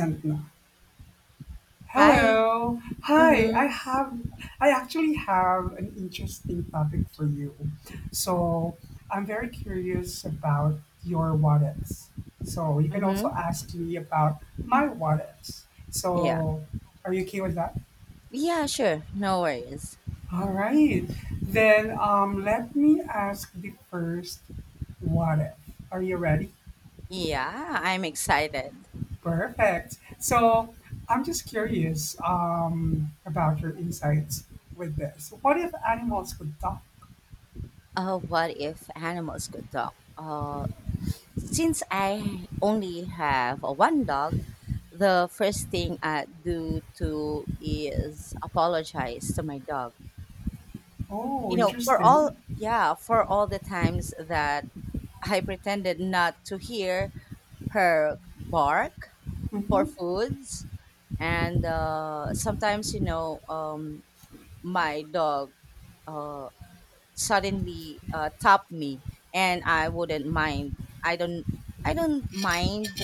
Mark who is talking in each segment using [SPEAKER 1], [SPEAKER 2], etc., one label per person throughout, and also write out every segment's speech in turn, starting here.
[SPEAKER 1] And now,
[SPEAKER 2] Hi.
[SPEAKER 1] hello, hi.
[SPEAKER 2] Mm-hmm.
[SPEAKER 1] I actually have an interesting topic for you. So I'm very curious about your what ifs. So you can also
[SPEAKER 2] Mm-hmm.
[SPEAKER 1] ask me about my what ifs.
[SPEAKER 2] Yeah.
[SPEAKER 1] So are you okay with that?
[SPEAKER 2] Yeah, sure. No worries.
[SPEAKER 1] All right. Then let me ask the first what if. Are you ready?
[SPEAKER 2] Yeah, I'm excited.
[SPEAKER 1] Perfect. So I'm just curious about your insights with this. What if animals could talk?
[SPEAKER 2] What if animals could talk? Since I only have one dog, the first thing I do to is apologize to my dog.
[SPEAKER 1] Oh,
[SPEAKER 2] You know, for all
[SPEAKER 1] interesting.
[SPEAKER 2] yeah, for all the times that I pretended not to hear her bark for
[SPEAKER 1] Hmm.
[SPEAKER 2] foods, and sometimes my dog uh, suddenly tapped me, and I wouldn't mind. I don't. I don't mind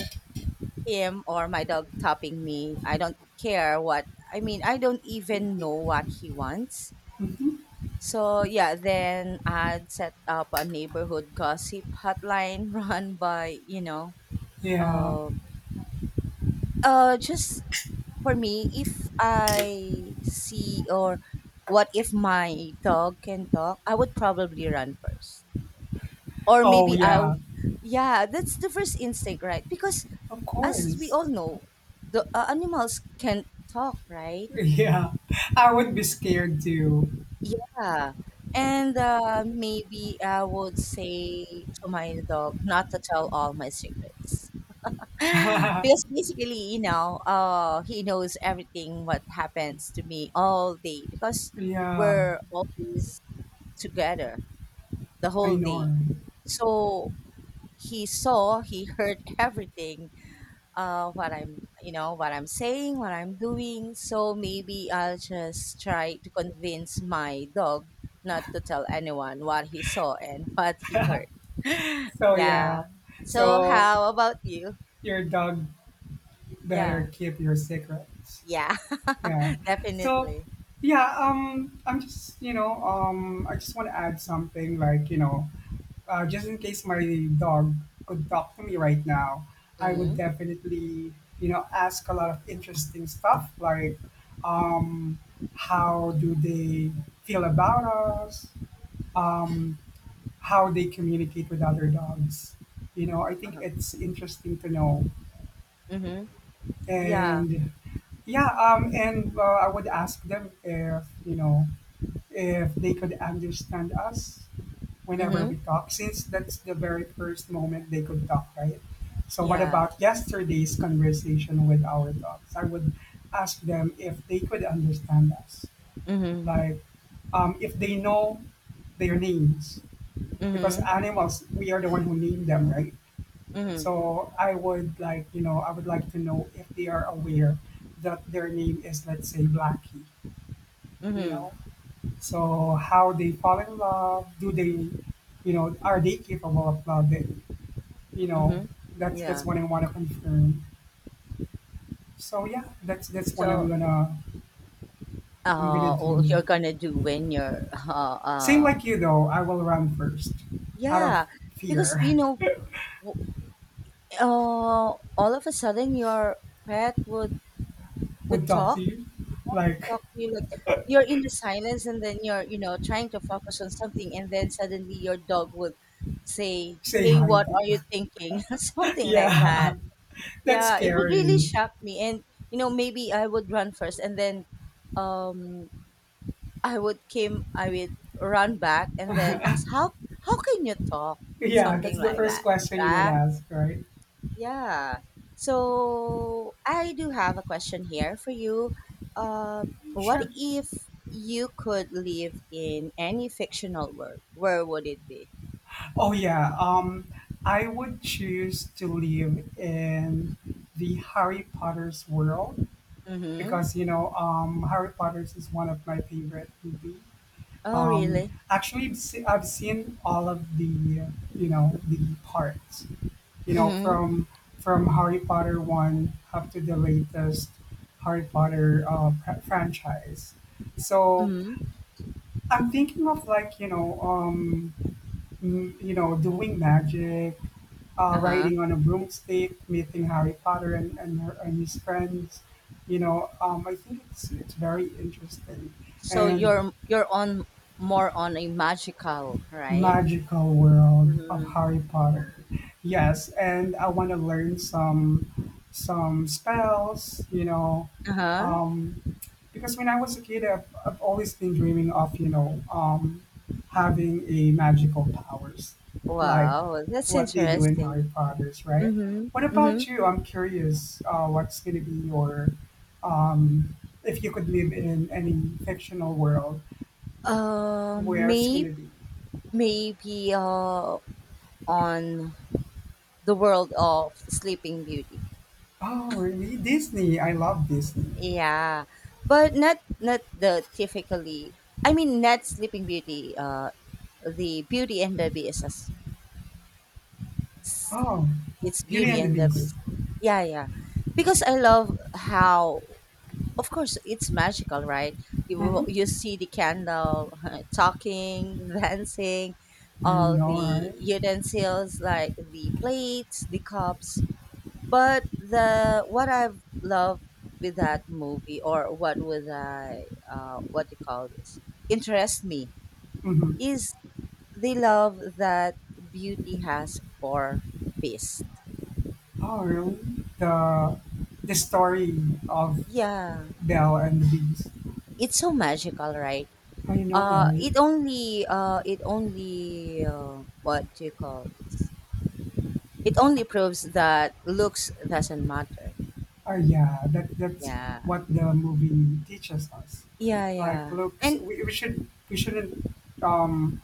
[SPEAKER 2] him or my dog tapping me. I don't care what. I mean, I don't even know what he wants.
[SPEAKER 1] Hmm.
[SPEAKER 2] So yeah, then I'd set up a neighborhood gossip hotline run by
[SPEAKER 1] Yeah.
[SPEAKER 2] um just for me, if I see or what if my dog can talk, I would probably run first. Or
[SPEAKER 1] Oh,
[SPEAKER 2] maybe I,
[SPEAKER 1] yeah.
[SPEAKER 2] yeah, that's the first instinct, right? Because
[SPEAKER 1] Of
[SPEAKER 2] as we
[SPEAKER 1] course.
[SPEAKER 2] all know, the animals can talk, right?
[SPEAKER 1] Yeah. I would be scared too.
[SPEAKER 2] Yeah. And maybe I would say to my dog not to tell all my secrets.
[SPEAKER 1] Yeah.
[SPEAKER 2] Because basically, you know, he knows everything what happens to me all day because we're always together the
[SPEAKER 1] I
[SPEAKER 2] whole
[SPEAKER 1] know.
[SPEAKER 2] day.
[SPEAKER 1] Right?
[SPEAKER 2] So he saw, he heard everything, what I'm saying, what I'm doing. So maybe I'll just try to convince my dog not to tell anyone what he saw and what he heard.
[SPEAKER 1] So,
[SPEAKER 2] Yeah.
[SPEAKER 1] yeah.
[SPEAKER 2] So
[SPEAKER 1] So,
[SPEAKER 2] how about you?
[SPEAKER 1] your dog
[SPEAKER 2] Yeah.
[SPEAKER 1] better keep your secrets.
[SPEAKER 2] Yeah,
[SPEAKER 1] Yeah. So,
[SPEAKER 2] definitely.
[SPEAKER 1] yeah, I just want to add something like, just in case my dog could talk to me right now, I would
[SPEAKER 2] Mhm.
[SPEAKER 1] definitely, ask a lot of interesting stuff like, um, how do they feel about us? Um, how they communicate with other dogs. You know, I think
[SPEAKER 2] Uh-huh.
[SPEAKER 1] it's interesting to know.
[SPEAKER 2] Mhm. Yeah.
[SPEAKER 1] And yeah, and I would ask them if, you know, if they could understand us whenever
[SPEAKER 2] Mhm.
[SPEAKER 1] we talk, since that's the very first moment they could talk, right? So, what
[SPEAKER 2] Yeah.
[SPEAKER 1] about yesterday's conversation with our dogs? I would ask them if they could understand us,
[SPEAKER 2] Mhm.
[SPEAKER 1] like, if they know their names, because
[SPEAKER 2] Mhm.
[SPEAKER 1] animals, we are the one who name them, right?
[SPEAKER 2] Mhm.
[SPEAKER 1] So, I would like to know if they are aware that their name is, let's say, Blackie, you
[SPEAKER 2] Mhm.
[SPEAKER 1] know? So how they fall in love? Do they, you know, Are they capable of love? You know,
[SPEAKER 2] Mhm.
[SPEAKER 1] that's
[SPEAKER 2] Yeah.
[SPEAKER 1] what I want to confirm. So yeah, that's what I'm
[SPEAKER 2] So,
[SPEAKER 1] gonna I'm gonna
[SPEAKER 2] all
[SPEAKER 1] do.
[SPEAKER 2] you're gonna do when you're,
[SPEAKER 1] Same like you though, I will run first, out of
[SPEAKER 2] yeah, because you
[SPEAKER 1] fear.
[SPEAKER 2] know, w- all of a sudden your pet would
[SPEAKER 1] Would
[SPEAKER 2] could
[SPEAKER 1] talk to
[SPEAKER 2] talk.
[SPEAKER 1] you,
[SPEAKER 2] Yeah, could
[SPEAKER 1] like
[SPEAKER 2] talk to you like you're in the silence and then you're, you know, trying to focus on something and then suddenly your dog would say,
[SPEAKER 1] say
[SPEAKER 2] hey,
[SPEAKER 1] hi
[SPEAKER 2] what
[SPEAKER 1] to
[SPEAKER 2] are
[SPEAKER 1] you.
[SPEAKER 2] you thinking? Something like
[SPEAKER 1] Yeah,
[SPEAKER 2] that.
[SPEAKER 1] that's
[SPEAKER 2] Yeah, it would really
[SPEAKER 1] scary.
[SPEAKER 2] shock me, and you know, maybe I would run first and then um I would run back and then ask how can you talk?
[SPEAKER 1] Yeah,
[SPEAKER 2] Something
[SPEAKER 1] that's the
[SPEAKER 2] like
[SPEAKER 1] first
[SPEAKER 2] that.
[SPEAKER 1] question you would
[SPEAKER 2] ah.
[SPEAKER 1] ask, right?
[SPEAKER 2] Yeah. So I do have a question here for you. What
[SPEAKER 1] Sure.
[SPEAKER 2] if you could live in any fictional world? Where would it be?
[SPEAKER 1] Oh yeah, I would choose to live in the Harry Potter's world
[SPEAKER 2] Mm-hmm.
[SPEAKER 1] because, Harry Potter's is one of my favorite movie.
[SPEAKER 2] Oh,
[SPEAKER 1] Um,
[SPEAKER 2] really?
[SPEAKER 1] actually, I've seen all of the parts,
[SPEAKER 2] Mm-hmm.
[SPEAKER 1] from Harry Potter one up to the latest Harry Potter franchise. So
[SPEAKER 2] Mm-hmm.
[SPEAKER 1] I'm thinking of, like, doing magic,
[SPEAKER 2] Uh-huh.
[SPEAKER 1] riding on a broomstick, meeting Harry Potter and, her, and his friends. I think it's very interesting
[SPEAKER 2] So
[SPEAKER 1] and
[SPEAKER 2] you're on more on a magical, right?
[SPEAKER 1] magical world of
[SPEAKER 2] Mm-hmm.
[SPEAKER 1] Harry Potter. Yes, and I want to learn some spells.
[SPEAKER 2] Uh-huh.
[SPEAKER 1] Um, because when I was a kid, I've always been dreaming of, having a magical powers, like
[SPEAKER 2] Wow, that's
[SPEAKER 1] what they do in
[SPEAKER 2] interesting.
[SPEAKER 1] Harry Potter's, right?
[SPEAKER 2] Mm-hmm.
[SPEAKER 1] What
[SPEAKER 2] Mm-hmm.
[SPEAKER 1] about you? I'm curious, what's going to be your, um, if you could live in any fictional world,
[SPEAKER 2] Um,
[SPEAKER 1] where's going
[SPEAKER 2] may,
[SPEAKER 1] to be?
[SPEAKER 2] maybe on the world of Sleeping Beauty.
[SPEAKER 1] Oh, really? Disney. I love Disney.
[SPEAKER 2] Yeah, but not the typically. I mean, not Sleeping Beauty. The Beauty and the Beast.
[SPEAKER 1] Oh,
[SPEAKER 2] It's
[SPEAKER 1] Beauty
[SPEAKER 2] Beauty
[SPEAKER 1] and the
[SPEAKER 2] and the
[SPEAKER 1] Beast.
[SPEAKER 2] Beast. Yeah, yeah. Because I love how, of course, it's magical, right? You
[SPEAKER 1] Mm-hmm.
[SPEAKER 2] see the candle talking, dancing,
[SPEAKER 1] I
[SPEAKER 2] all
[SPEAKER 1] know,
[SPEAKER 2] the
[SPEAKER 1] right?
[SPEAKER 2] utensils like the plates, the cups. But the what I've loved with that movie, or what would I, what do you call this, interest me
[SPEAKER 1] Mm-hmm.
[SPEAKER 2] is the love that beauty has for beast.
[SPEAKER 1] Oh, really? The the story of
[SPEAKER 2] Yeah,
[SPEAKER 1] Belle and the Beast.
[SPEAKER 2] it's so magical, right?
[SPEAKER 1] Oh, you know, right?
[SPEAKER 2] It only, what do you call this? It only proves that looks doesn't matter.
[SPEAKER 1] Oh, yeah. That's
[SPEAKER 2] Yeah,
[SPEAKER 1] what the movie teaches us.
[SPEAKER 2] yeah,
[SPEAKER 1] Like
[SPEAKER 2] yeah,
[SPEAKER 1] looks,
[SPEAKER 2] and
[SPEAKER 1] we shouldn't um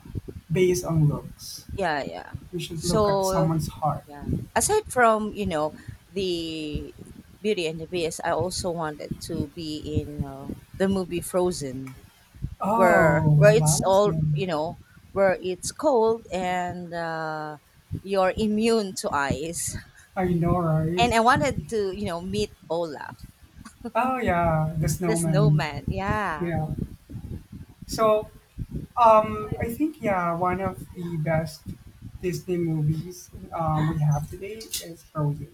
[SPEAKER 1] base on looks.
[SPEAKER 2] yeah, yeah.
[SPEAKER 1] We should look at
[SPEAKER 2] So
[SPEAKER 1] someone's heart.
[SPEAKER 2] yeah. Aside from, you know, the Beauty and the Beast, I also wanted to be in the movie Frozen, where
[SPEAKER 1] Oh,
[SPEAKER 2] where
[SPEAKER 1] I
[SPEAKER 2] it's
[SPEAKER 1] love
[SPEAKER 2] all,
[SPEAKER 1] him.
[SPEAKER 2] you know, where it's cold and you're immune to ice.
[SPEAKER 1] I know, right?
[SPEAKER 2] And I wanted to, you know, meet Olaf,
[SPEAKER 1] Oh, yeah, the
[SPEAKER 2] the
[SPEAKER 1] snowman.
[SPEAKER 2] snowman. Yeah.
[SPEAKER 1] Yeah. So, I think, yeah, one of the best Disney movies, we have today is Frozen.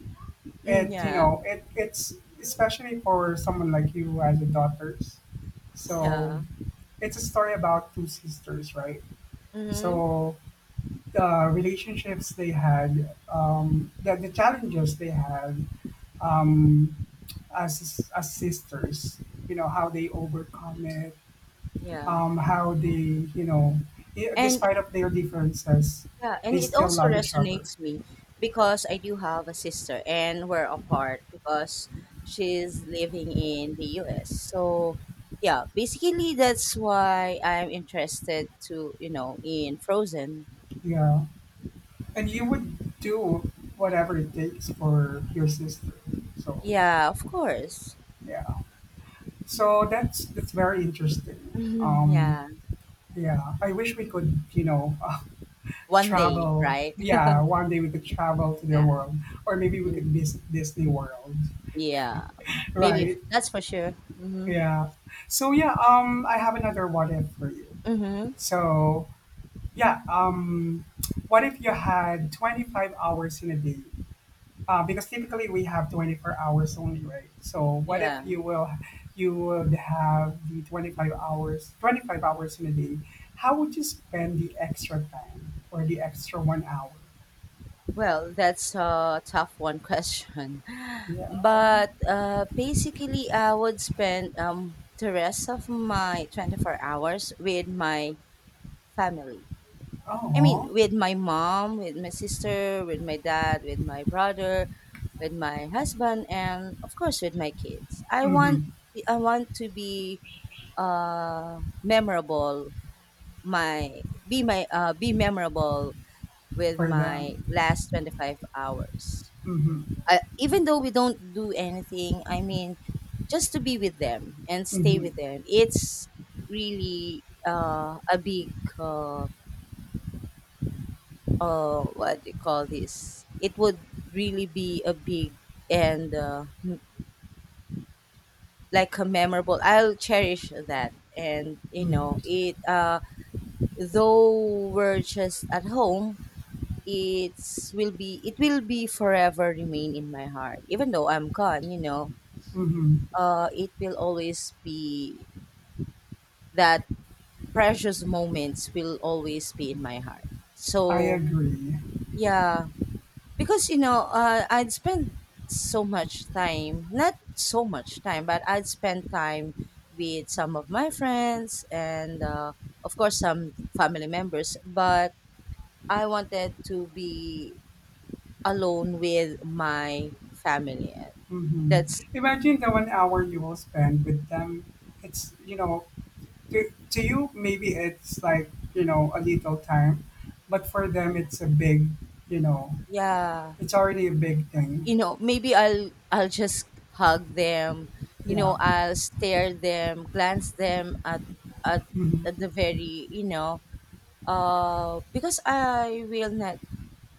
[SPEAKER 2] Mm,
[SPEAKER 1] it you
[SPEAKER 2] yeah.
[SPEAKER 1] know it it's especially for someone like you as a daughters, so
[SPEAKER 2] Yeah.
[SPEAKER 1] it's a story about two sisters, right?
[SPEAKER 2] Hmm.
[SPEAKER 1] So the relationships they had, the challenges they had, um as sisters, you know how they overcome it,
[SPEAKER 2] Yeah.
[SPEAKER 1] how they,
[SPEAKER 2] And
[SPEAKER 1] despite of their differences,
[SPEAKER 2] Yeah,
[SPEAKER 1] they
[SPEAKER 2] and it
[SPEAKER 1] still
[SPEAKER 2] also
[SPEAKER 1] love each other.
[SPEAKER 2] resonates me because I do have a sister and we're apart because she's living in the US. So, yeah, basically that's why I'm interested to, you know, in Frozen.
[SPEAKER 1] Yeah, and you would do whatever it takes for your sister. So
[SPEAKER 2] Yeah, of course.
[SPEAKER 1] yeah, so that's very interesting.
[SPEAKER 2] Mhm, yeah.
[SPEAKER 1] Yeah, I wish we could,
[SPEAKER 2] One day,
[SPEAKER 1] travel.
[SPEAKER 2] right?
[SPEAKER 1] Yeah, one day we could travel to their
[SPEAKER 2] Yeah.
[SPEAKER 1] world, or maybe we
[SPEAKER 2] Mm,
[SPEAKER 1] could visit Disney World,
[SPEAKER 2] yeah. Maybe
[SPEAKER 1] right?
[SPEAKER 2] that's for sure. Mhm.
[SPEAKER 1] Yeah. So yeah, I have another what if for you.
[SPEAKER 2] Mhm.
[SPEAKER 1] So yeah, what if you had 25 hours in a day? Because typically we have 24 hours only, right? So what if
[SPEAKER 2] Yeah.
[SPEAKER 1] you would have the 25 hours, 25 hours in a day? How would you spend the extra time or the extra 1 hour?
[SPEAKER 2] Well, that's a tough one question.
[SPEAKER 1] Yeah.
[SPEAKER 2] But basically, I would spend the rest of my 24 hours with my family. I mean,
[SPEAKER 1] Oh.
[SPEAKER 2] with my mom, with my sister, with my dad, with my brother, with my husband, and of course, with my kids.
[SPEAKER 1] Mm-hmm.
[SPEAKER 2] I want to be memorable. My be my Be memorable with
[SPEAKER 1] For
[SPEAKER 2] my
[SPEAKER 1] them.
[SPEAKER 2] last 25 hours,
[SPEAKER 1] Mm-hmm.
[SPEAKER 2] even though we don't do anything. I mean, just to be with them and stay
[SPEAKER 1] Mm-hmm.
[SPEAKER 2] with them, it's really a big, uh, what do you call this, it would really be a big and like a memorable. I'll cherish that, and you know
[SPEAKER 1] Mm-hmm.
[SPEAKER 2] it, though we're just at home, it will be forever remain in my heart even though I'm gone, you know,
[SPEAKER 1] Mm-hmm.
[SPEAKER 2] it will always be that precious moments will always be in my heart.
[SPEAKER 1] I
[SPEAKER 2] So
[SPEAKER 1] agree.
[SPEAKER 2] yeah, because you know, I'd spend so much time, not so much time, but I'd spend time with some of my friends and of course some family members. But I wanted to be alone with my family. That's,
[SPEAKER 1] Mm-hmm. Imagine the 1 hour you will spend with them. It's, to you, maybe it's like, a little time, but for them it's a big, you know
[SPEAKER 2] yeah,
[SPEAKER 1] it's already a big thing.
[SPEAKER 2] you know, maybe I'll just hug them. You
[SPEAKER 1] Yeah.
[SPEAKER 2] know, I'll stare them, glance them at at, at
[SPEAKER 1] Hmm.
[SPEAKER 2] the very, you know, because I will not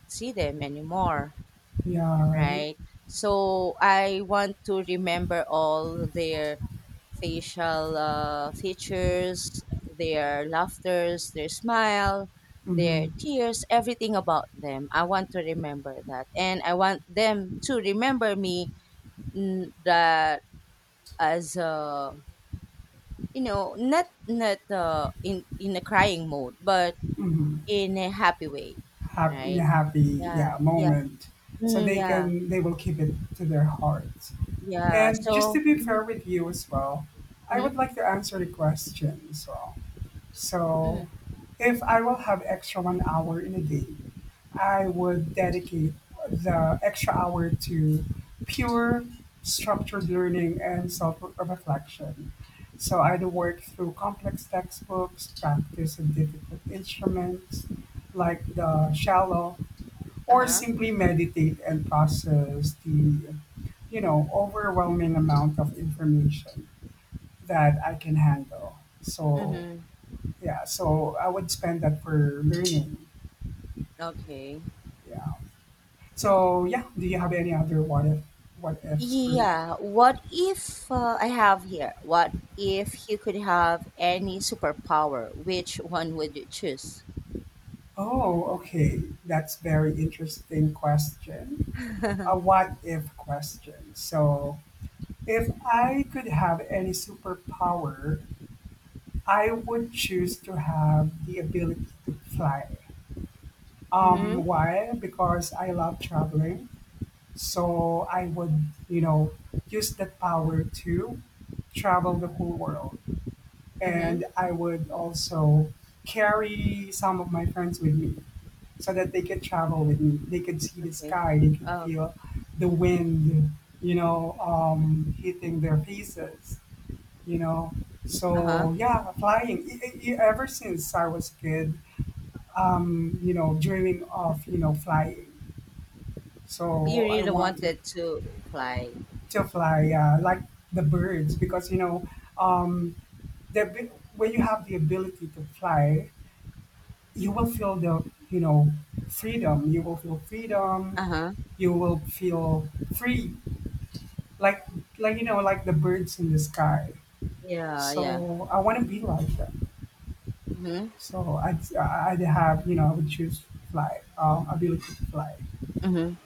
[SPEAKER 2] see them anymore,
[SPEAKER 1] Yeah, right.
[SPEAKER 2] right? So I want to remember all their facial features, their laughters, their smile, their
[SPEAKER 1] Mm-hmm.
[SPEAKER 2] tears, everything about them. I want to remember that, and I want them to remember me, that as a, you know, not in a crying mode but
[SPEAKER 1] Mm-hmm.
[SPEAKER 2] in a happy way,
[SPEAKER 1] Happy, in a
[SPEAKER 2] right?
[SPEAKER 1] happy, yeah,
[SPEAKER 2] Yeah, yeah.
[SPEAKER 1] moment, so
[SPEAKER 2] Yeah.
[SPEAKER 1] they will keep it to their hearts.
[SPEAKER 2] Yeah.
[SPEAKER 1] And just
[SPEAKER 2] So,
[SPEAKER 1] to be
[SPEAKER 2] mhm,
[SPEAKER 1] fair with you as well, I would
[SPEAKER 2] mhm,
[SPEAKER 1] like to answer the question. So
[SPEAKER 2] mhm,
[SPEAKER 1] if I will have extra 1 hour in a day, I would dedicate the extra hour to pure structured learning and self reflection. So I'd work through complex textbooks, practice in difficult instruments like the shallow, or
[SPEAKER 2] uh-huh,
[SPEAKER 1] simply meditate and process the overwhelming amount of information that I can handle. So
[SPEAKER 2] mhm.
[SPEAKER 1] yeah, so I would spend that for learning.
[SPEAKER 2] Okay.
[SPEAKER 1] Yeah. So yeah, do you have any other what if what ifs for me?
[SPEAKER 2] Yeah, what if, I have here, what if you could have any superpower, which one would you choose?
[SPEAKER 1] Oh, okay. That's very interesting question. A
[SPEAKER 2] Mhm.
[SPEAKER 1] what if question. So if I could have any superpower, I would choose to have the ability to fly. Why? Because I love traveling. So I would, use that power to travel the whole world.
[SPEAKER 2] Mhm.
[SPEAKER 1] And I would also carry some of my friends with me so that they could travel with me. They could see the
[SPEAKER 2] Okay.
[SPEAKER 1] sky, they could
[SPEAKER 2] Oh.
[SPEAKER 1] feel the wind, hitting their faces, you know.
[SPEAKER 2] Uh-huh.
[SPEAKER 1] So yeah, flying. Ever since I was a kid, dreaming of, flying.
[SPEAKER 2] You
[SPEAKER 1] So I
[SPEAKER 2] really
[SPEAKER 1] want to
[SPEAKER 2] wanted to fly.
[SPEAKER 1] to fly, like the birds, because, um, the abi- when you have the ability to fly, you will feel the, freedom, you will feel freedom,
[SPEAKER 2] Uh-huh.
[SPEAKER 1] you will feel free, like the birds in the sky,
[SPEAKER 2] Yeah, yeah.
[SPEAKER 1] so I want to be like that,
[SPEAKER 2] Mhm.
[SPEAKER 1] so I'd have you know I would choose, fly ability to fly.
[SPEAKER 2] Mhm.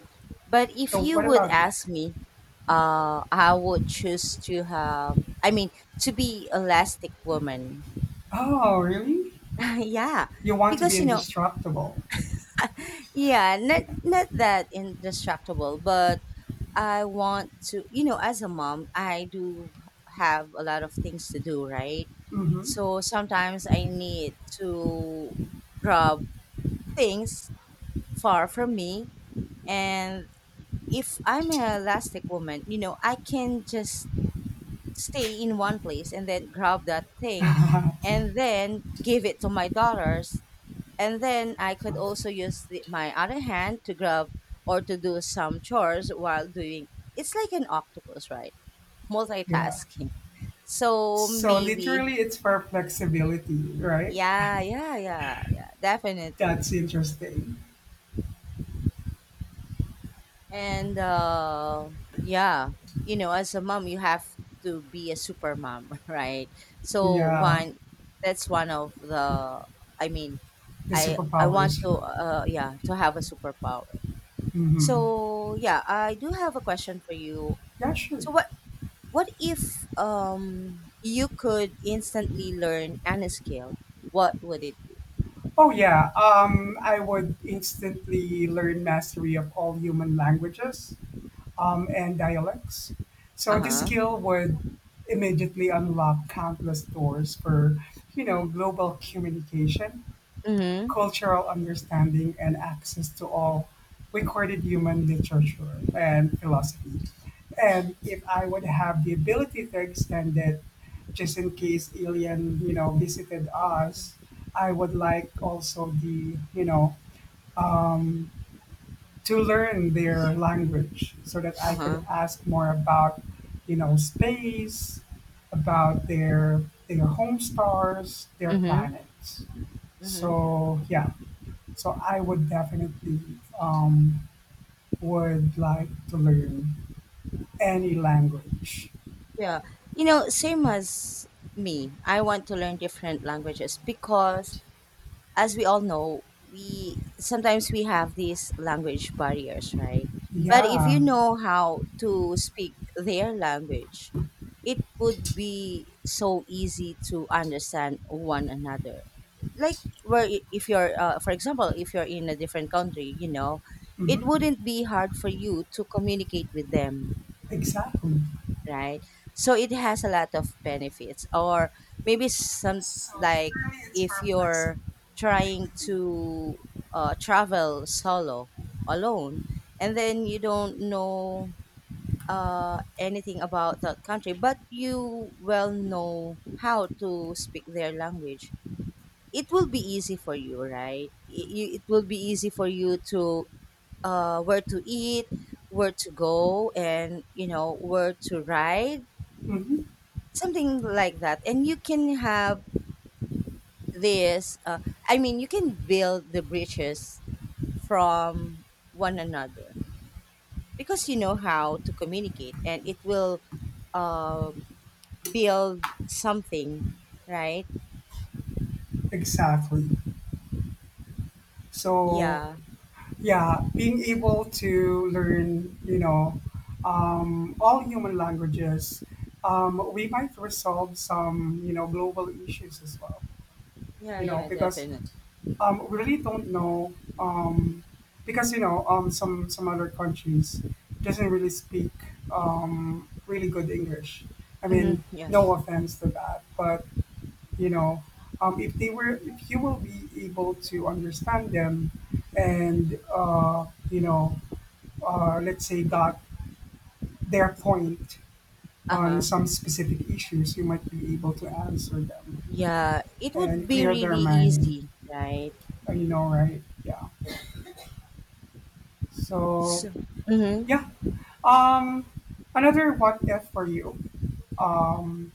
[SPEAKER 2] But if
[SPEAKER 1] So
[SPEAKER 2] you
[SPEAKER 1] what
[SPEAKER 2] would
[SPEAKER 1] about you?
[SPEAKER 2] ask me, I would choose to have, I mean, to be elastic woman.
[SPEAKER 1] Oh, really?
[SPEAKER 2] Yeah.
[SPEAKER 1] You want to be
[SPEAKER 2] Because you know,
[SPEAKER 1] indestructible?
[SPEAKER 2] yeah, not that indestructible, but I want to, you know, as a mom, I do have a lot of things to do, right?
[SPEAKER 1] Mm-hmm.
[SPEAKER 2] So sometimes I need to grab things far from me. And if I'm an elastic woman, you know, I can just stay in one place and then grab that thing and then give it to my daughters. And then I could also use my other hand to grab or to do some chores while doing, it's like an octopus, right?
[SPEAKER 1] Yeah,
[SPEAKER 2] Multitasking. So
[SPEAKER 1] so
[SPEAKER 2] maybe,
[SPEAKER 1] literally it's for flexibility, right?
[SPEAKER 2] yeah, yeah, yeah, yeah, definitely.
[SPEAKER 1] That's interesting.
[SPEAKER 2] And yeah, you know, as a mom, you have to be a super mom, right? So,
[SPEAKER 1] Yeah,
[SPEAKER 2] one, that's one of the. I mean,
[SPEAKER 1] the
[SPEAKER 2] I
[SPEAKER 1] superpowers.
[SPEAKER 2] want to, yeah, to have a superpower.
[SPEAKER 1] Mm-hmm.
[SPEAKER 2] So yeah, I do have a question for you.
[SPEAKER 1] Yeah, sure.
[SPEAKER 2] So, what if you could instantly learn any skill? What would it be?
[SPEAKER 1] Oh, yeah. I would instantly learn mastery of all human languages, and dialects.
[SPEAKER 2] Uh
[SPEAKER 1] So this
[SPEAKER 2] huh.
[SPEAKER 1] skill would immediately unlock countless doors for, global communication,
[SPEAKER 2] Mhm.
[SPEAKER 1] cultural understanding, and access to all recorded human literature and philosophy. And if I would have the ability to extend it, just in case alien, visited us, I would like also to learn their language so that
[SPEAKER 2] Uh
[SPEAKER 1] I could
[SPEAKER 2] huh.
[SPEAKER 1] ask more about, space, about their home stars, their
[SPEAKER 2] Mhm.
[SPEAKER 1] planets.
[SPEAKER 2] Mhm.
[SPEAKER 1] So yeah, so I would definitely, um, would like to learn any language.
[SPEAKER 2] Yeah. You know, same as me. I want to learn different languages because as we all know, we sometimes we have these language barriers, right? But if
[SPEAKER 1] Yeah.
[SPEAKER 2] you know how to speak their language, it would be so easy to understand one another. Like, if you're, for example, if you're in a different country, you know, it
[SPEAKER 1] Hmm.
[SPEAKER 2] wouldn't be hard for you to communicate with them,
[SPEAKER 1] Exactly.
[SPEAKER 2] right? So it has a lot of benefits, or maybe some,
[SPEAKER 1] So
[SPEAKER 2] like
[SPEAKER 1] literally, it's
[SPEAKER 2] if
[SPEAKER 1] for
[SPEAKER 2] you're
[SPEAKER 1] flexibility.
[SPEAKER 2] trying to travel solo alone, and then you don't know anything about that country, but you well know how to speak their language. It will be easy for you, right? It will be easy for you to, where to eat, where to go, and you know where to ride,
[SPEAKER 1] Hmm.
[SPEAKER 2] something like that. And you can have this, I mean, you can build the bridges from one another because you know how to communicate, and it will, um build something, right?
[SPEAKER 1] Exactly. So,
[SPEAKER 2] Yeah,
[SPEAKER 1] yeah, being able to learn, all human languages, we might resolve some, global issues as well.
[SPEAKER 2] yeah. Yeah,
[SPEAKER 1] Because,
[SPEAKER 2] definitely.
[SPEAKER 1] We really don't know, because you know some other countries doesn't really speak really good English. I
[SPEAKER 2] Hmm.
[SPEAKER 1] mean,
[SPEAKER 2] Yeah.
[SPEAKER 1] no offense to that, but, you know, if they were, if you will be able to understand them, and, let's say
[SPEAKER 2] It-
[SPEAKER 1] got their point on
[SPEAKER 2] uh-huh.
[SPEAKER 1] some specific issues, you might be able to answer them
[SPEAKER 2] Yeah, it would
[SPEAKER 1] and
[SPEAKER 2] be
[SPEAKER 1] clear their
[SPEAKER 2] really
[SPEAKER 1] mind.
[SPEAKER 2] easy, right?
[SPEAKER 1] You know, right? Yeah. So
[SPEAKER 2] So, mhm.
[SPEAKER 1] yeah, Um, another what if for you. Um,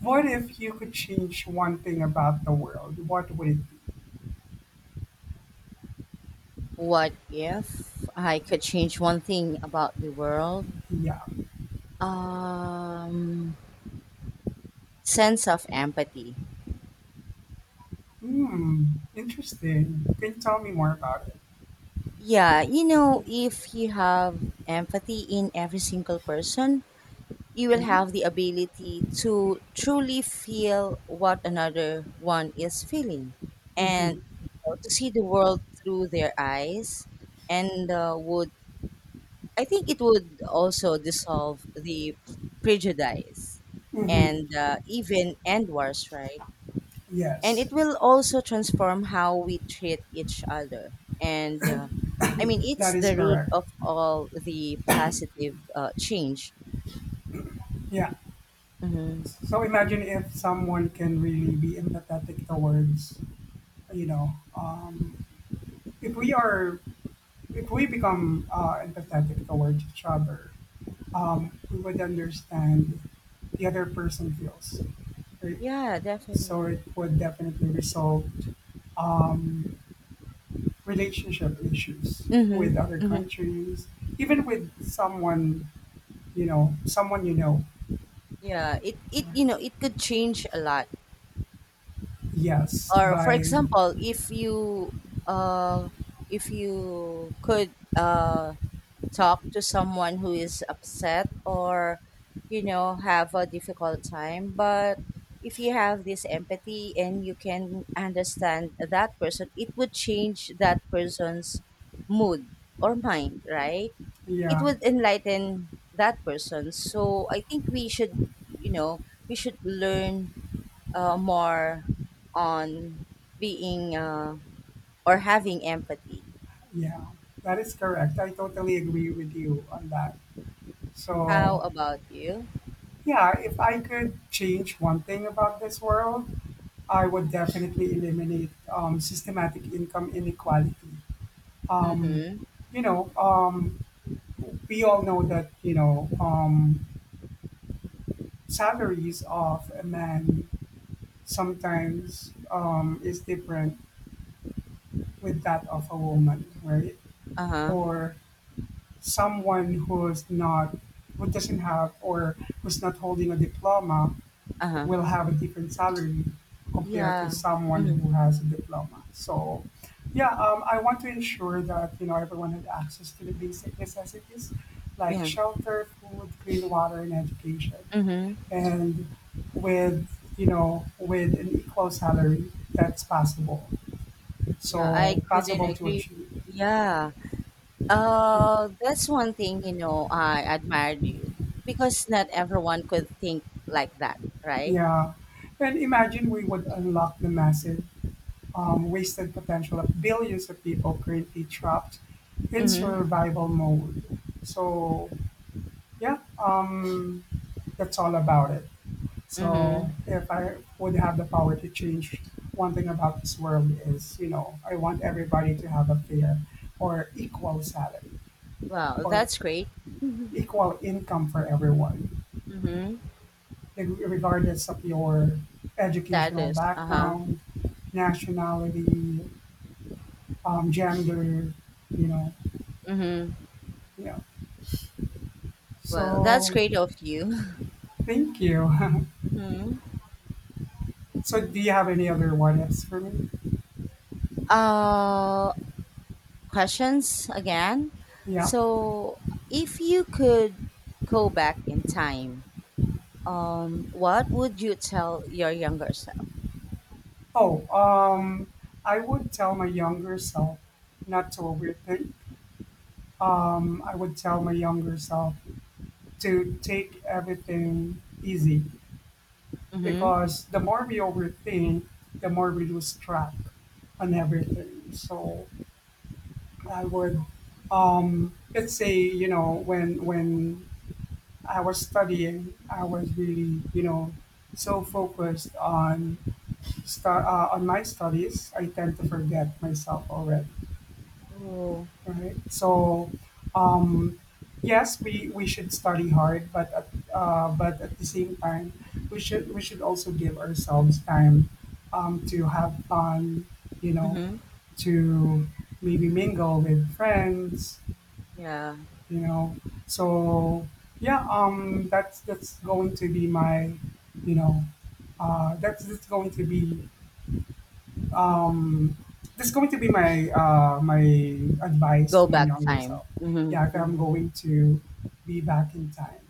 [SPEAKER 1] what if you could change one thing about the world? What would it be?
[SPEAKER 2] What if I could change one thing about the world?
[SPEAKER 1] Yeah.
[SPEAKER 2] um Sense of empathy.
[SPEAKER 1] Hmm. Interesting. Can you tell me more about it?
[SPEAKER 2] Yeah, you know, if you have empathy in every single person, you will have the
[SPEAKER 1] Mm-hmm.
[SPEAKER 2] ability to truly feel what another one is feeling, and
[SPEAKER 1] Mm-hmm.
[SPEAKER 2] you know, to see the world through their eyes, and would I think it would also dissolve the prejudice,
[SPEAKER 1] Mm-hmm.
[SPEAKER 2] and even end wars, right? And
[SPEAKER 1] Yes,
[SPEAKER 2] it will also transform how we treat each other, and I mean,
[SPEAKER 1] that
[SPEAKER 2] it's
[SPEAKER 1] is
[SPEAKER 2] the root
[SPEAKER 1] correct.
[SPEAKER 2] of all the positive change.
[SPEAKER 1] Yeah.
[SPEAKER 2] Hmm.
[SPEAKER 1] So imagine if someone can really be empathetic towards, you know, um, if we are, if we become, empathetic towards each other, we would understand the other person feels, right?
[SPEAKER 2] Yeah, definitely.
[SPEAKER 1] So it would definitely resolve, um, relationship issues
[SPEAKER 2] Mm-hmm.
[SPEAKER 1] with other
[SPEAKER 2] Mm-hmm.
[SPEAKER 1] countries, even with someone you know, someone you know.
[SPEAKER 2] Yeah, it,
[SPEAKER 1] Right?
[SPEAKER 2] you know, it could change a lot.
[SPEAKER 1] Yes,
[SPEAKER 2] Or, for
[SPEAKER 1] by
[SPEAKER 2] example, if you, uh if you could, talk to someone who is upset, or you know, have a difficult time, but if you have this empathy and you can understand that person, it would change that person's mood or mind, right? It
[SPEAKER 1] yeah,
[SPEAKER 2] would enlighten that person. So I think we should, you know, we should learn, more on being, or having empathy.
[SPEAKER 1] yeah, that is correct. I totally agree with you on that.
[SPEAKER 2] How
[SPEAKER 1] So
[SPEAKER 2] about you?
[SPEAKER 1] yeah, if I could change one thing about this world, I would definitely eliminate, systematic income inequality, um,
[SPEAKER 2] Mm-hmm.
[SPEAKER 1] you know, um, we all know that, salaries of a man sometimes, is different with that of a woman, right?
[SPEAKER 2] Uh-huh.
[SPEAKER 1] Or someone who doesn't have, or who's not holding a diploma,
[SPEAKER 2] Uh-huh.
[SPEAKER 1] will have a different salary compared to
[SPEAKER 2] Yeah.
[SPEAKER 1] someone
[SPEAKER 2] Mm,
[SPEAKER 1] who has a diploma. I want to ensure that everyone had access to the basic necessities like
[SPEAKER 2] yeah.
[SPEAKER 1] shelter, food, clean water, and education,
[SPEAKER 2] Mhm.
[SPEAKER 1] and with with an equal salary that's possible.
[SPEAKER 2] Yeah, I
[SPEAKER 1] So
[SPEAKER 2] couldn't
[SPEAKER 1] possible to
[SPEAKER 2] agree.
[SPEAKER 1] achieve.
[SPEAKER 2] Yeah. That's one thing, you know, I admired you because not everyone could think like that, right?
[SPEAKER 1] Yeah, and imagine we would unlock the massive wasted potential of billions of people currently trapped in
[SPEAKER 2] Mhm.
[SPEAKER 1] survival mode. So yeah, um, that's all about it. So
[SPEAKER 2] Mhm.
[SPEAKER 1] if I would have the power to change one thing about this world is, I want everybody to have a fair or equal salary
[SPEAKER 2] Wow,
[SPEAKER 1] or
[SPEAKER 2] that's great.
[SPEAKER 1] equal income for everyone,
[SPEAKER 2] Mhm.
[SPEAKER 1] regardless of your educational
[SPEAKER 2] Status. Uh-huh.
[SPEAKER 1] background, nationality, gender, you know,
[SPEAKER 2] Mhm.
[SPEAKER 1] yeah.
[SPEAKER 2] Well, that's
[SPEAKER 1] So
[SPEAKER 2] great of you.
[SPEAKER 1] thank you.
[SPEAKER 2] Mhm.
[SPEAKER 1] So do you have any other what ifs for me?
[SPEAKER 2] Uh, Questions again.
[SPEAKER 1] Yeah.
[SPEAKER 2] So, if you could go back in time, what would you tell your younger self?
[SPEAKER 1] Oh, um, I would tell my younger self not to overthink. I would tell my younger self to take everything easy
[SPEAKER 2] Mm-hmm.
[SPEAKER 1] because the more we overthink, the more we lose track on everything. So I would let's say when I was studying. I was really, so focused on on my studies. I tend to forget myself already,
[SPEAKER 2] Oh,
[SPEAKER 1] right? Um, yes, we should study hard, but at the same time, we should also give ourselves time to have fun. You know,
[SPEAKER 2] Mm-hmm.
[SPEAKER 1] to maybe mingle with friends
[SPEAKER 2] Yeah.
[SPEAKER 1] you know so yeah that's going to be my you know that's going to be um that's going to be my advice to
[SPEAKER 2] Go
[SPEAKER 1] my
[SPEAKER 2] back
[SPEAKER 1] younger
[SPEAKER 2] time.
[SPEAKER 1] self. Yeah, if
[SPEAKER 2] Mm-hmm. Mm-hmm.
[SPEAKER 1] I'm going to be back in time.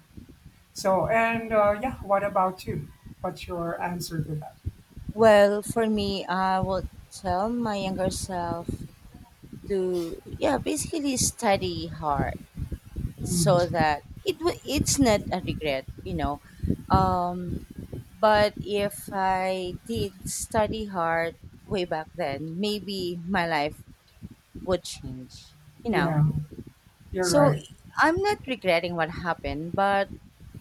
[SPEAKER 1] So and yeah, what about you? What's your answer to that?
[SPEAKER 2] Well, for me, I would tell my younger self to, yeah, basically study hard so
[SPEAKER 1] Mhm.
[SPEAKER 2] that it's not a regret, you know. Um, but if I did study hard way back then, maybe my life would change, you know.
[SPEAKER 1] Yeah, you're
[SPEAKER 2] So
[SPEAKER 1] right.
[SPEAKER 2] I'm not regretting what happened, but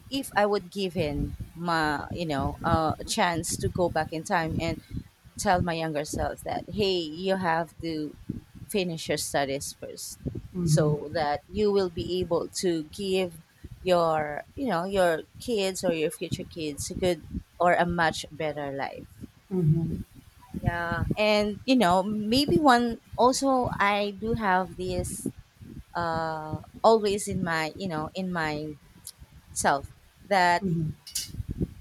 [SPEAKER 2] if I would give in my, you know, a chance to go back in time and tell my younger self that, hey, you have to finish your studies first,
[SPEAKER 1] Hmm.
[SPEAKER 2] so that you will be able to give your, you know, your kids or your future kids a good or a much better life.
[SPEAKER 1] Hmm.
[SPEAKER 2] Yeah, and you know, maybe one also I do have this always in my, you know, in my self that
[SPEAKER 1] Hmm.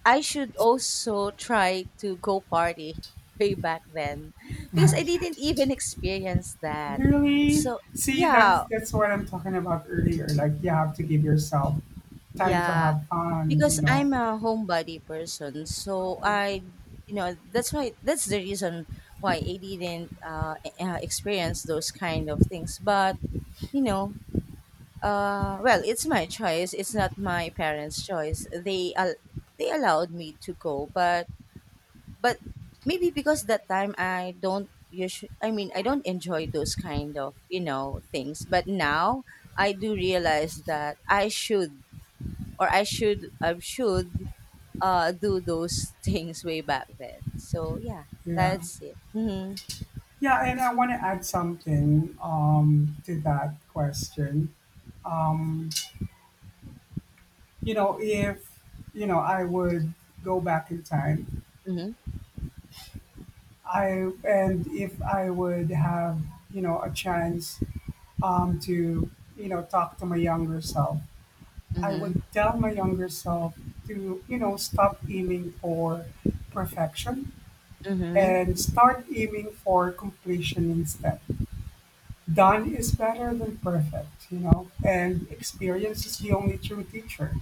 [SPEAKER 2] I should also try to go party way back then because I didn't even experience that.
[SPEAKER 1] Really?
[SPEAKER 2] So,
[SPEAKER 1] See,
[SPEAKER 2] yeah,
[SPEAKER 1] that's what I'm talking about earlier, like you have to give yourself time to
[SPEAKER 2] yeah,
[SPEAKER 1] have fun, you
[SPEAKER 2] because
[SPEAKER 1] know.
[SPEAKER 2] I'm a homebody person, so
[SPEAKER 1] Oh.
[SPEAKER 2] I, you know, that's why that's the reason why I didn't experience those kind of things. But you know, well, it's my choice. It's not my parents' choice. They allowed me to go, but but maybe because that time I don't usually, I mean, I don't enjoy those kind of, you know, things. But now I do realize that I should, or I should, do those things way back then. So yeah,
[SPEAKER 1] Yeah.
[SPEAKER 2] that's it. Mm-hmm.
[SPEAKER 1] Yeah, and I want to add something to that question. Um, you know, if, you know, I would go back in time,
[SPEAKER 2] Mm-hmm.
[SPEAKER 1] and if I would have, you know, a chance um, to, you know, talk to my younger self, I
[SPEAKER 2] Mm-hmm.
[SPEAKER 1] would tell my younger self to, you know, stop aiming for perfection
[SPEAKER 2] Mm-hmm.
[SPEAKER 1] and start aiming for completion instead. Done is better than perfect, you know, and experience is the only true teacher.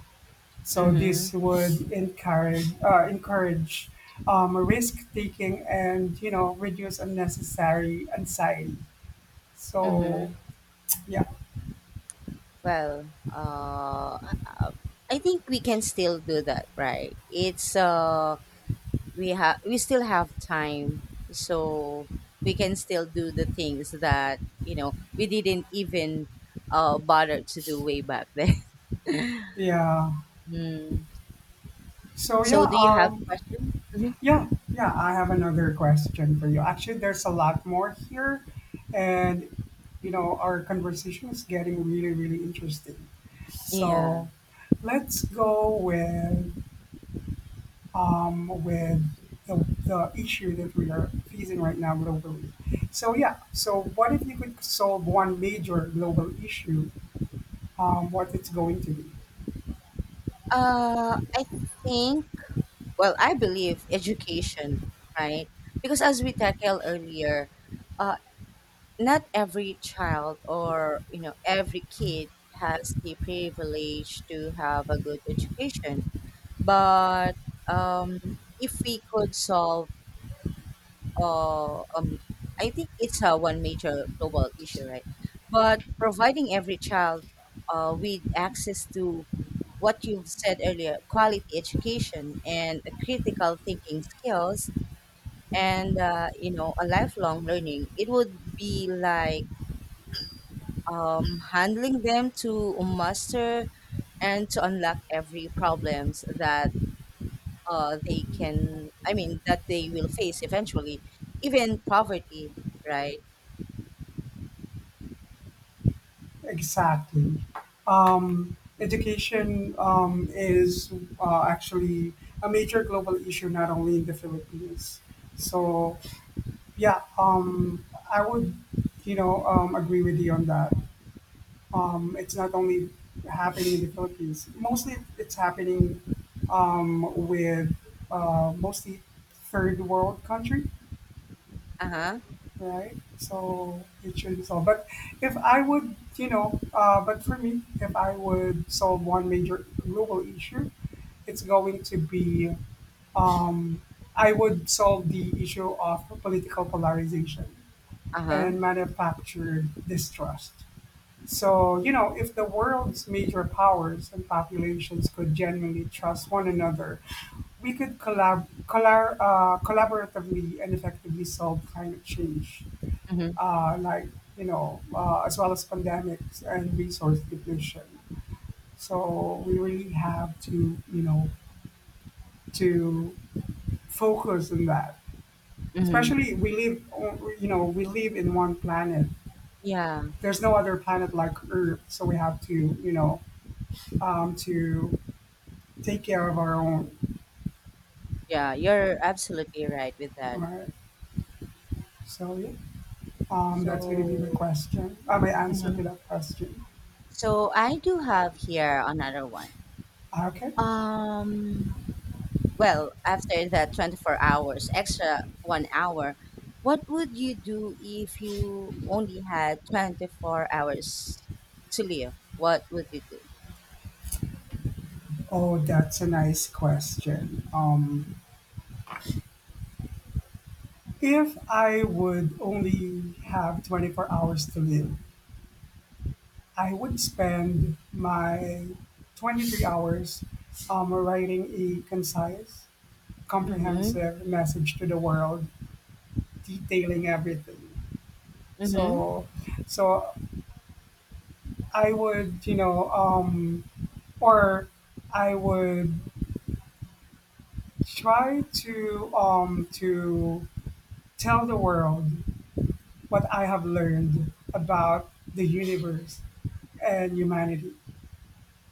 [SPEAKER 1] So
[SPEAKER 2] Mm-hmm.
[SPEAKER 1] this would encourage risk taking and reduce unnecessary anxiety. So
[SPEAKER 2] Mm-hmm.
[SPEAKER 1] yeah,
[SPEAKER 2] Well, I think we can still do that, right? It's We still have time, so we can still do the things that, you know, we didn't even bother to do way back then.
[SPEAKER 1] yeah.
[SPEAKER 2] Mm.
[SPEAKER 1] So yeah,
[SPEAKER 2] So do you have
[SPEAKER 1] um,
[SPEAKER 2] questions? Mhm.
[SPEAKER 1] Yeah, yeah, I have another question for you. Actually, there's a lot more here, and you know, our conversation is getting really, really interesting.
[SPEAKER 2] Yeah,
[SPEAKER 1] So let's go with um, with the, the issue that we are facing right now globally. So yeah, so what if you could solve one major global issue? What it's going to be?
[SPEAKER 2] I think, well, I believe education, right? Because as we tackled earlier, uh not every child or, you know, every kid has the privilege to have a good education. But um, if we could solve, uh, um, I think it's one major global issue, right? But providing every child with access to what you've said earlier, quality education and critical thinking skills, and you know, a lifelong learning, it would be like handling them to master and to unlock every problems that I mean, that they will face eventually, even poverty, right?
[SPEAKER 1] Exactly. Education is actually a major global issue, not only in the Philippines. So, yeah, um, I would, agree with you on that. It's not only happening in the Philippines. Mostly, it's happening with mostly third world country,
[SPEAKER 2] Uh huh.
[SPEAKER 1] right? So it should be solved. But if I would, you know, but for me, if I would solve one major global issue, it's going to be um, I would solve the issue of political polarization
[SPEAKER 2] Uh huh.
[SPEAKER 1] and manufactured distrust. So, you know, if the world's major powers and populations could genuinely trust one another, we could collaboratively and effectively solve climate change,
[SPEAKER 2] Mm-hmm.
[SPEAKER 1] uh, like as well as pandemics and resource depletion. So we really have to to focus on that.
[SPEAKER 2] Mm-hmm.
[SPEAKER 1] Especially you know we live in one planet.
[SPEAKER 2] Yeah.
[SPEAKER 1] There's no other planet like Earth, so we have to to take care of our own.
[SPEAKER 2] Yeah. You're absolutely right with
[SPEAKER 1] All
[SPEAKER 2] that.
[SPEAKER 1] right. So yeah, that's gonna
[SPEAKER 2] So,
[SPEAKER 1] be my question. My answer to
[SPEAKER 2] mhm,
[SPEAKER 1] that question.
[SPEAKER 2] so I do have here another one.
[SPEAKER 1] Okay.
[SPEAKER 2] Um, well, after that 24 hours, extra one hour, what would you do if you only had 24 hours to live? What would you do?
[SPEAKER 1] Oh, that's a nice question. If I would only have 24 hours to live, I would spend my 23 hours writing a concise,
[SPEAKER 2] Mm-hmm.
[SPEAKER 1] comprehensive message to the world, detailing everything.
[SPEAKER 2] Mm-hmm.
[SPEAKER 1] So, so I would, you know, or I would try to tell the world what I have learned about the universe and humanity.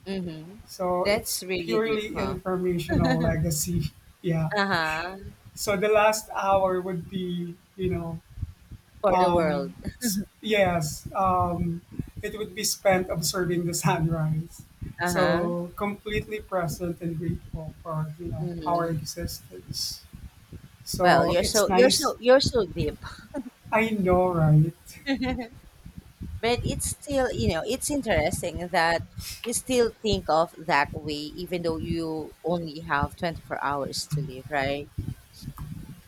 [SPEAKER 2] Mhm.
[SPEAKER 1] So it's
[SPEAKER 2] That's really deep,
[SPEAKER 1] purely
[SPEAKER 2] huh?
[SPEAKER 1] informational legacy. Yeah.
[SPEAKER 2] Uh-huh.
[SPEAKER 1] So the last hour would be,
[SPEAKER 2] For the world.
[SPEAKER 1] um, s- yes, um, it would be spent observing the sunrise.
[SPEAKER 2] Uh-huh.
[SPEAKER 1] So completely present and grateful for, you know, our
[SPEAKER 2] Hmm.
[SPEAKER 1] existence.
[SPEAKER 2] Well,
[SPEAKER 1] So it's nice.
[SPEAKER 2] you're so deep.
[SPEAKER 1] I know, right?
[SPEAKER 2] But it's still, you know, it's interesting that you still think of that way even though you only have 24 hours to live, right?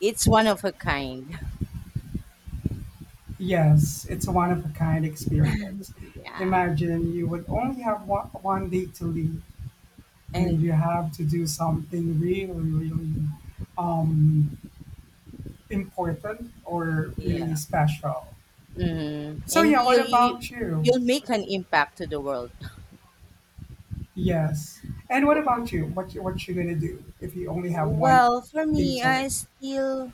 [SPEAKER 2] It's one of a kind.
[SPEAKER 1] Yes, it's a one of a kind experience.
[SPEAKER 2] Yeah.
[SPEAKER 1] Imagine you would only have 1 day to live and
[SPEAKER 2] And
[SPEAKER 1] you have to do something really, really um, important or really
[SPEAKER 2] yeah.
[SPEAKER 1] special.
[SPEAKER 2] Hmm.
[SPEAKER 1] So
[SPEAKER 2] And
[SPEAKER 1] yeah, what about you?
[SPEAKER 2] you'll make an impact to the world.
[SPEAKER 1] Yes. And what
[SPEAKER 2] W-
[SPEAKER 1] about you? What you gonna do if you only have one
[SPEAKER 2] Well, for
[SPEAKER 1] day
[SPEAKER 2] me,
[SPEAKER 1] to
[SPEAKER 2] I
[SPEAKER 1] live?
[SPEAKER 2] still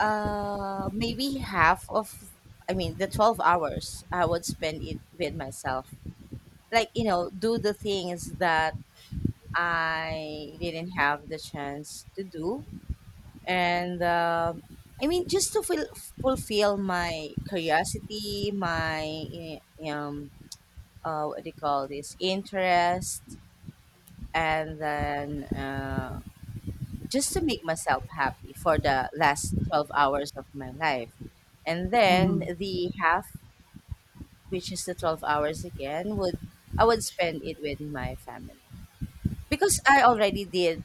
[SPEAKER 2] Maybe half of, I mean, the 12 hours I would spend it with myself. Like, you know, do the things that I didn't have the chance to do. And I mean, just to feel, fulfill my curiosity, my, eh, um, what do you call this, interest. And then, just to make myself happy for the last 12 hours of my life. And then
[SPEAKER 1] Hmm.
[SPEAKER 2] the half, which is the 12 hours again, would I would spend it with my family. Because I already did,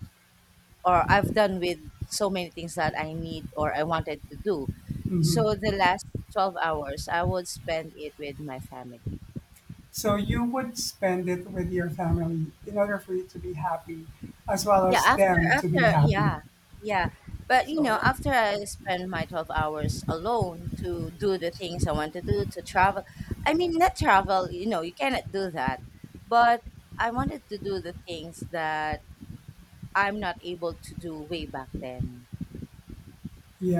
[SPEAKER 2] or I've done, with so many things that I need or I wanted to do.
[SPEAKER 1] Hmm.
[SPEAKER 2] So the last 12 hours I would spend it with my family.
[SPEAKER 1] So you would spend it with your family in order for you to be happy, as well
[SPEAKER 2] Yeah,
[SPEAKER 1] as
[SPEAKER 2] after
[SPEAKER 1] them to be
[SPEAKER 2] after
[SPEAKER 1] happy.
[SPEAKER 2] yeah, yeah. But you
[SPEAKER 1] So
[SPEAKER 2] know, after
[SPEAKER 1] yeah,
[SPEAKER 2] I spend my 12 hours alone to do the things I want to do, to travel. I mean, not travel, you know, you cannot do that. But I wanted to do the things that I'm not able to do way back then,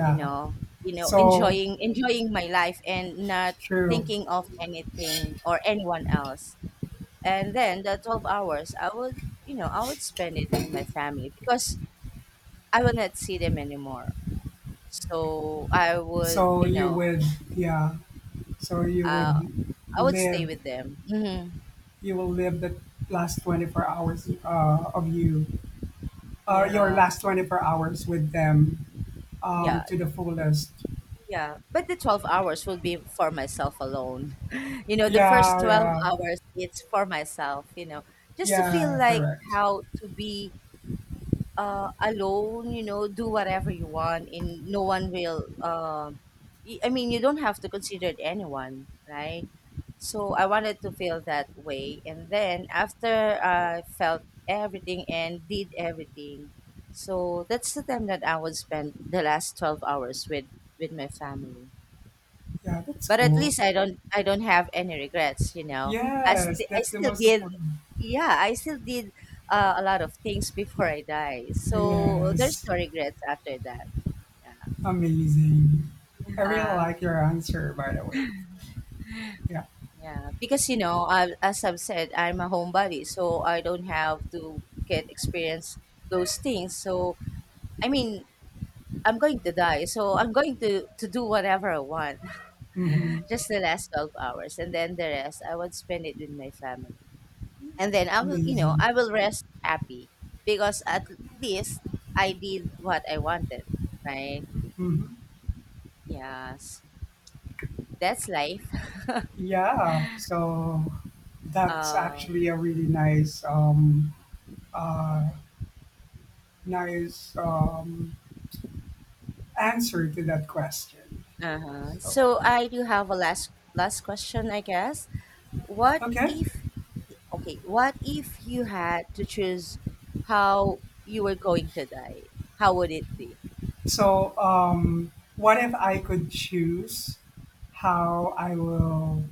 [SPEAKER 2] you know. You know,
[SPEAKER 1] So
[SPEAKER 2] enjoying my life and not
[SPEAKER 1] true.
[SPEAKER 2] thinking of anything or anyone else. And then the 12 hours, you know, I would spend it with my family because I will not see them anymore. So
[SPEAKER 1] So
[SPEAKER 2] you
[SPEAKER 1] you
[SPEAKER 2] know,
[SPEAKER 1] would, yeah. So you
[SPEAKER 2] uh,
[SPEAKER 1] would
[SPEAKER 2] I would stay
[SPEAKER 1] live,
[SPEAKER 2] with them. Hmm.
[SPEAKER 1] you will live the last 24 hours your
[SPEAKER 2] Yeah,
[SPEAKER 1] last 24 hours with them
[SPEAKER 2] yeah,
[SPEAKER 1] to the fullest.
[SPEAKER 2] yeah. But the 12 hours will be for myself alone. You know, the first
[SPEAKER 1] Yeah,
[SPEAKER 2] 12
[SPEAKER 1] yeah,
[SPEAKER 2] hours, it's for myself, you know, just to feel
[SPEAKER 1] yeah,
[SPEAKER 2] like
[SPEAKER 1] correct.
[SPEAKER 2] how to be alone, you know, do whatever you want, and no one will, I mean, you don't have to consider anyone, right? So I wanted to feel that way. And then after I felt everything and did everything, so that's the time that I would spend the last 12 hours with my family.
[SPEAKER 1] Yeah, that's
[SPEAKER 2] But at
[SPEAKER 1] cool.
[SPEAKER 2] least I don't have any regrets, you know.
[SPEAKER 1] Yes,
[SPEAKER 2] I
[SPEAKER 1] that's the
[SPEAKER 2] still
[SPEAKER 1] most
[SPEAKER 2] did,
[SPEAKER 1] important.
[SPEAKER 2] yeah, I still did a lot of things before I die. So there's
[SPEAKER 1] Yes,
[SPEAKER 2] no regrets after that.
[SPEAKER 1] amazing. I really
[SPEAKER 2] Yeah.
[SPEAKER 1] like your answer, by the way. Yeah,
[SPEAKER 2] Yeah, because you know, as I've said, I'm a homebody, so I don't have to get experience those things. So I mean, I'm going to die, so I'm going to do whatever I want,
[SPEAKER 1] mm-hmm.
[SPEAKER 2] just the last 12 hours, and then the rest I would spend it with my family, and then you know,
[SPEAKER 1] Amazing.
[SPEAKER 2] I will rest happy because at least I did what I wanted, right?
[SPEAKER 1] Mm-hmm.
[SPEAKER 2] Yes, that's life.
[SPEAKER 1] Yeah, so that's
[SPEAKER 2] Uh,
[SPEAKER 1] actually a really nice uh, nice um, answer to that question.
[SPEAKER 2] uh-huh.
[SPEAKER 1] So,
[SPEAKER 2] So I do have a last question, I guess. What
[SPEAKER 1] okay.
[SPEAKER 2] if, okay, what if you had to choose how you were going to die? How would it be?
[SPEAKER 1] What if I could choose how I will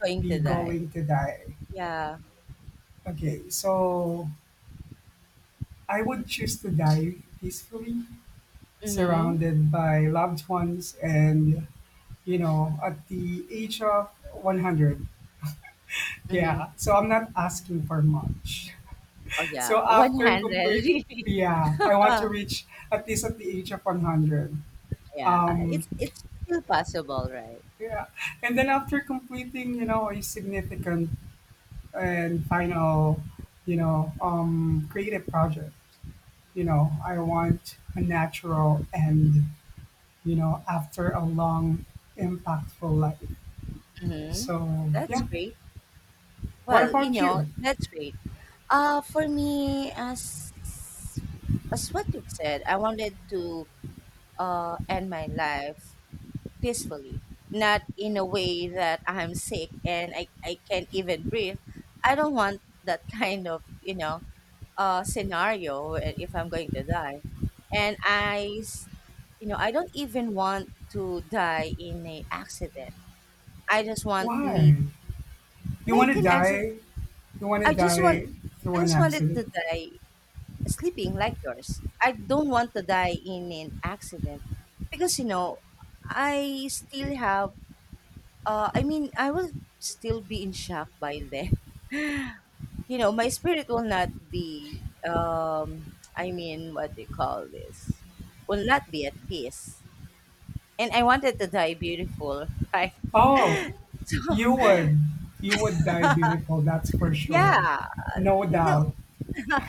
[SPEAKER 2] Going to
[SPEAKER 1] be
[SPEAKER 2] die.
[SPEAKER 1] going to die?
[SPEAKER 2] Yeah.
[SPEAKER 1] Okay. So, I would choose to die peacefully,
[SPEAKER 2] Mm-hmm.
[SPEAKER 1] surrounded by loved ones, and, you know, at the age of 100.
[SPEAKER 2] Mm-hmm.
[SPEAKER 1] Yeah. So, I'm not asking for much.
[SPEAKER 2] Oh yeah.
[SPEAKER 1] So
[SPEAKER 2] One
[SPEAKER 1] after
[SPEAKER 2] handed
[SPEAKER 1] complete,
[SPEAKER 2] really.
[SPEAKER 1] yeah, I want to reach at least at the age of 100.
[SPEAKER 2] Yeah.
[SPEAKER 1] Um,
[SPEAKER 2] It's still possible, right?
[SPEAKER 1] yeah, and then after completing, you know, a significant and final, creative project, you know, I want a natural end, you know, after a long, impactful life.
[SPEAKER 2] Mm-hmm.
[SPEAKER 1] So
[SPEAKER 2] That's
[SPEAKER 1] yeah,
[SPEAKER 2] great.
[SPEAKER 1] what
[SPEAKER 2] Well, you
[SPEAKER 1] about
[SPEAKER 2] know,
[SPEAKER 1] you?
[SPEAKER 2] that's great. For me, as what you've said, I wanted to end my life peacefully, not in a way that I'm sick and I can't even breathe. I don't want that kind of, you know, scenario if I'm going to die. And you know, I don't even want to die in a accident. I just want
[SPEAKER 1] Why
[SPEAKER 2] me,
[SPEAKER 1] you want
[SPEAKER 2] like
[SPEAKER 1] to
[SPEAKER 2] an accident.
[SPEAKER 1] die? You want to
[SPEAKER 2] I just want,
[SPEAKER 1] die through
[SPEAKER 2] I
[SPEAKER 1] an
[SPEAKER 2] just wanted
[SPEAKER 1] accident?
[SPEAKER 2] to die sleeping like yours. I don't want to die in an accident because, you know, I still have I mean, I will still be in shock by then. You know, my spirit will not be, um, I mean, what they call this, will not be at peace. And I wanted to die beautiful, right?
[SPEAKER 1] Oh, you would. You would die beautiful, that's for sure.
[SPEAKER 2] Yeah,
[SPEAKER 1] No
[SPEAKER 2] no,
[SPEAKER 1] doubt.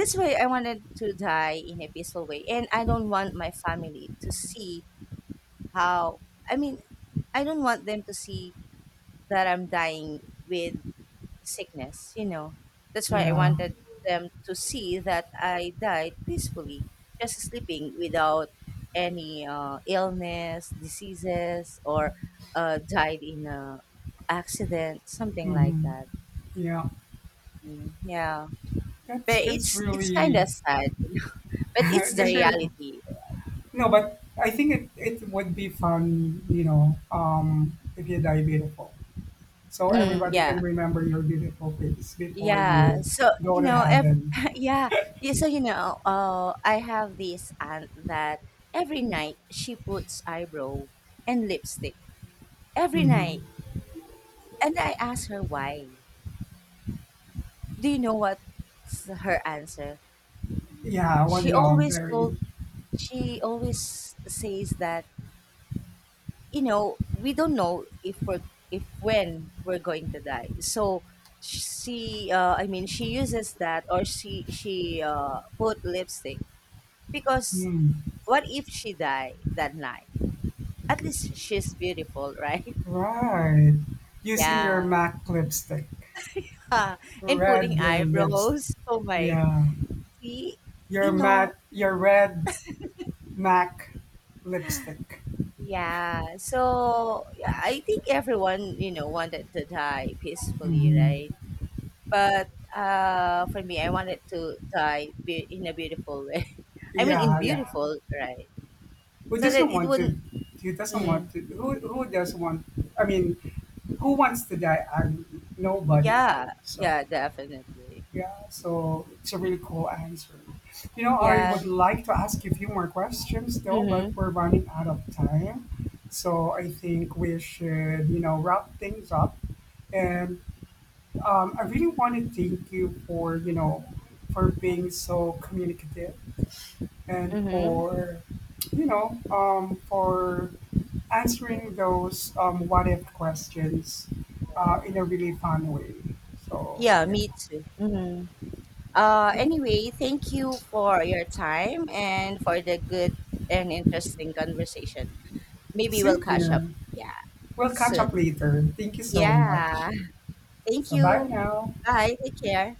[SPEAKER 2] this way I wanted to die in a peaceful way. And I don't want my family to see how, I mean, I don't want them to see that I'm dying with sickness, you know. That's why I
[SPEAKER 1] Yeah.
[SPEAKER 2] wanted them to see that I died peacefully, just sleeping without any illness, diseases, or died in a accident, something like
[SPEAKER 1] Hmm.
[SPEAKER 2] that.
[SPEAKER 1] Yeah.
[SPEAKER 2] Mm, yeah, but
[SPEAKER 1] That's
[SPEAKER 2] it's kind
[SPEAKER 1] really
[SPEAKER 2] of sad, but it's the
[SPEAKER 1] that's really cool.
[SPEAKER 2] reality.
[SPEAKER 1] No, but I think it would be fun, you know, if you die beautiful. So
[SPEAKER 2] Mm,
[SPEAKER 1] everybody
[SPEAKER 2] yeah.
[SPEAKER 1] can remember your beautiful face before
[SPEAKER 2] Yeah,
[SPEAKER 1] you
[SPEAKER 2] so
[SPEAKER 1] go
[SPEAKER 2] you
[SPEAKER 1] to
[SPEAKER 2] know, ev
[SPEAKER 1] heaven.
[SPEAKER 2] yeah, yeah, so you know, I have this aunt that every night she puts eyebrow and lipstick every
[SPEAKER 1] Hmm.
[SPEAKER 2] night, and I ask her why. Do you know what's her answer?
[SPEAKER 1] Yeah, well, you
[SPEAKER 2] She
[SPEAKER 1] know, I'm
[SPEAKER 2] always
[SPEAKER 1] very.
[SPEAKER 2] told, she always says that, you know, we don't know if when we're going to die. So I mean, she uses that, or she put lipstick because
[SPEAKER 1] Mm,
[SPEAKER 2] what if she die that night? At least she's beautiful, right?
[SPEAKER 1] right. Using your
[SPEAKER 2] Yeah.
[SPEAKER 1] MAC lipstick,
[SPEAKER 2] And pulling
[SPEAKER 1] red lipstick.
[SPEAKER 2] eyebrows. Oh my.
[SPEAKER 1] Yeah.
[SPEAKER 2] See,
[SPEAKER 1] Your
[SPEAKER 2] you know,
[SPEAKER 1] matte your red MAC lipstick.
[SPEAKER 2] yeah. So yeah, I think everyone, you know, wanted to die peacefully,
[SPEAKER 1] Mhm.
[SPEAKER 2] right? But for me, I wanted to die in a beautiful way. I mean, in
[SPEAKER 1] Yeah, yeah.
[SPEAKER 2] beautiful, right?
[SPEAKER 1] Who
[SPEAKER 2] So that
[SPEAKER 1] doesn't
[SPEAKER 2] it
[SPEAKER 1] want
[SPEAKER 2] wouldn't.
[SPEAKER 1] to
[SPEAKER 2] Mhm.
[SPEAKER 1] who doesn't want. I mean, who wants to die? I Nobody, right?
[SPEAKER 2] Yeah.
[SPEAKER 1] So
[SPEAKER 2] Yeah, definitely.
[SPEAKER 1] yeah, so it's a really cool answer. You know, I would
[SPEAKER 2] Yeah.
[SPEAKER 1] like to ask you a few more questions though, but
[SPEAKER 2] Mm-hmm.
[SPEAKER 1] we're running out of time. So I think we should, you know, wrap things up and I really want to thank you for for being so communicative and
[SPEAKER 2] Mm-hmm.
[SPEAKER 1] for for answering those what if questions in a
[SPEAKER 2] Yeah.
[SPEAKER 1] really fun way. So
[SPEAKER 2] Yeah, me too. Hmm.
[SPEAKER 1] yeah,
[SPEAKER 2] Anyway, thank you for your time and for the good and interesting conversation. Maybe we'll
[SPEAKER 1] see
[SPEAKER 2] catch up,
[SPEAKER 1] here.
[SPEAKER 2] yeah,
[SPEAKER 1] We'll catch up
[SPEAKER 2] soon.
[SPEAKER 1] later. Thank you so much.
[SPEAKER 2] Yeah. Thank
[SPEAKER 1] So bye
[SPEAKER 2] you.
[SPEAKER 1] now.
[SPEAKER 2] Bye. Take care.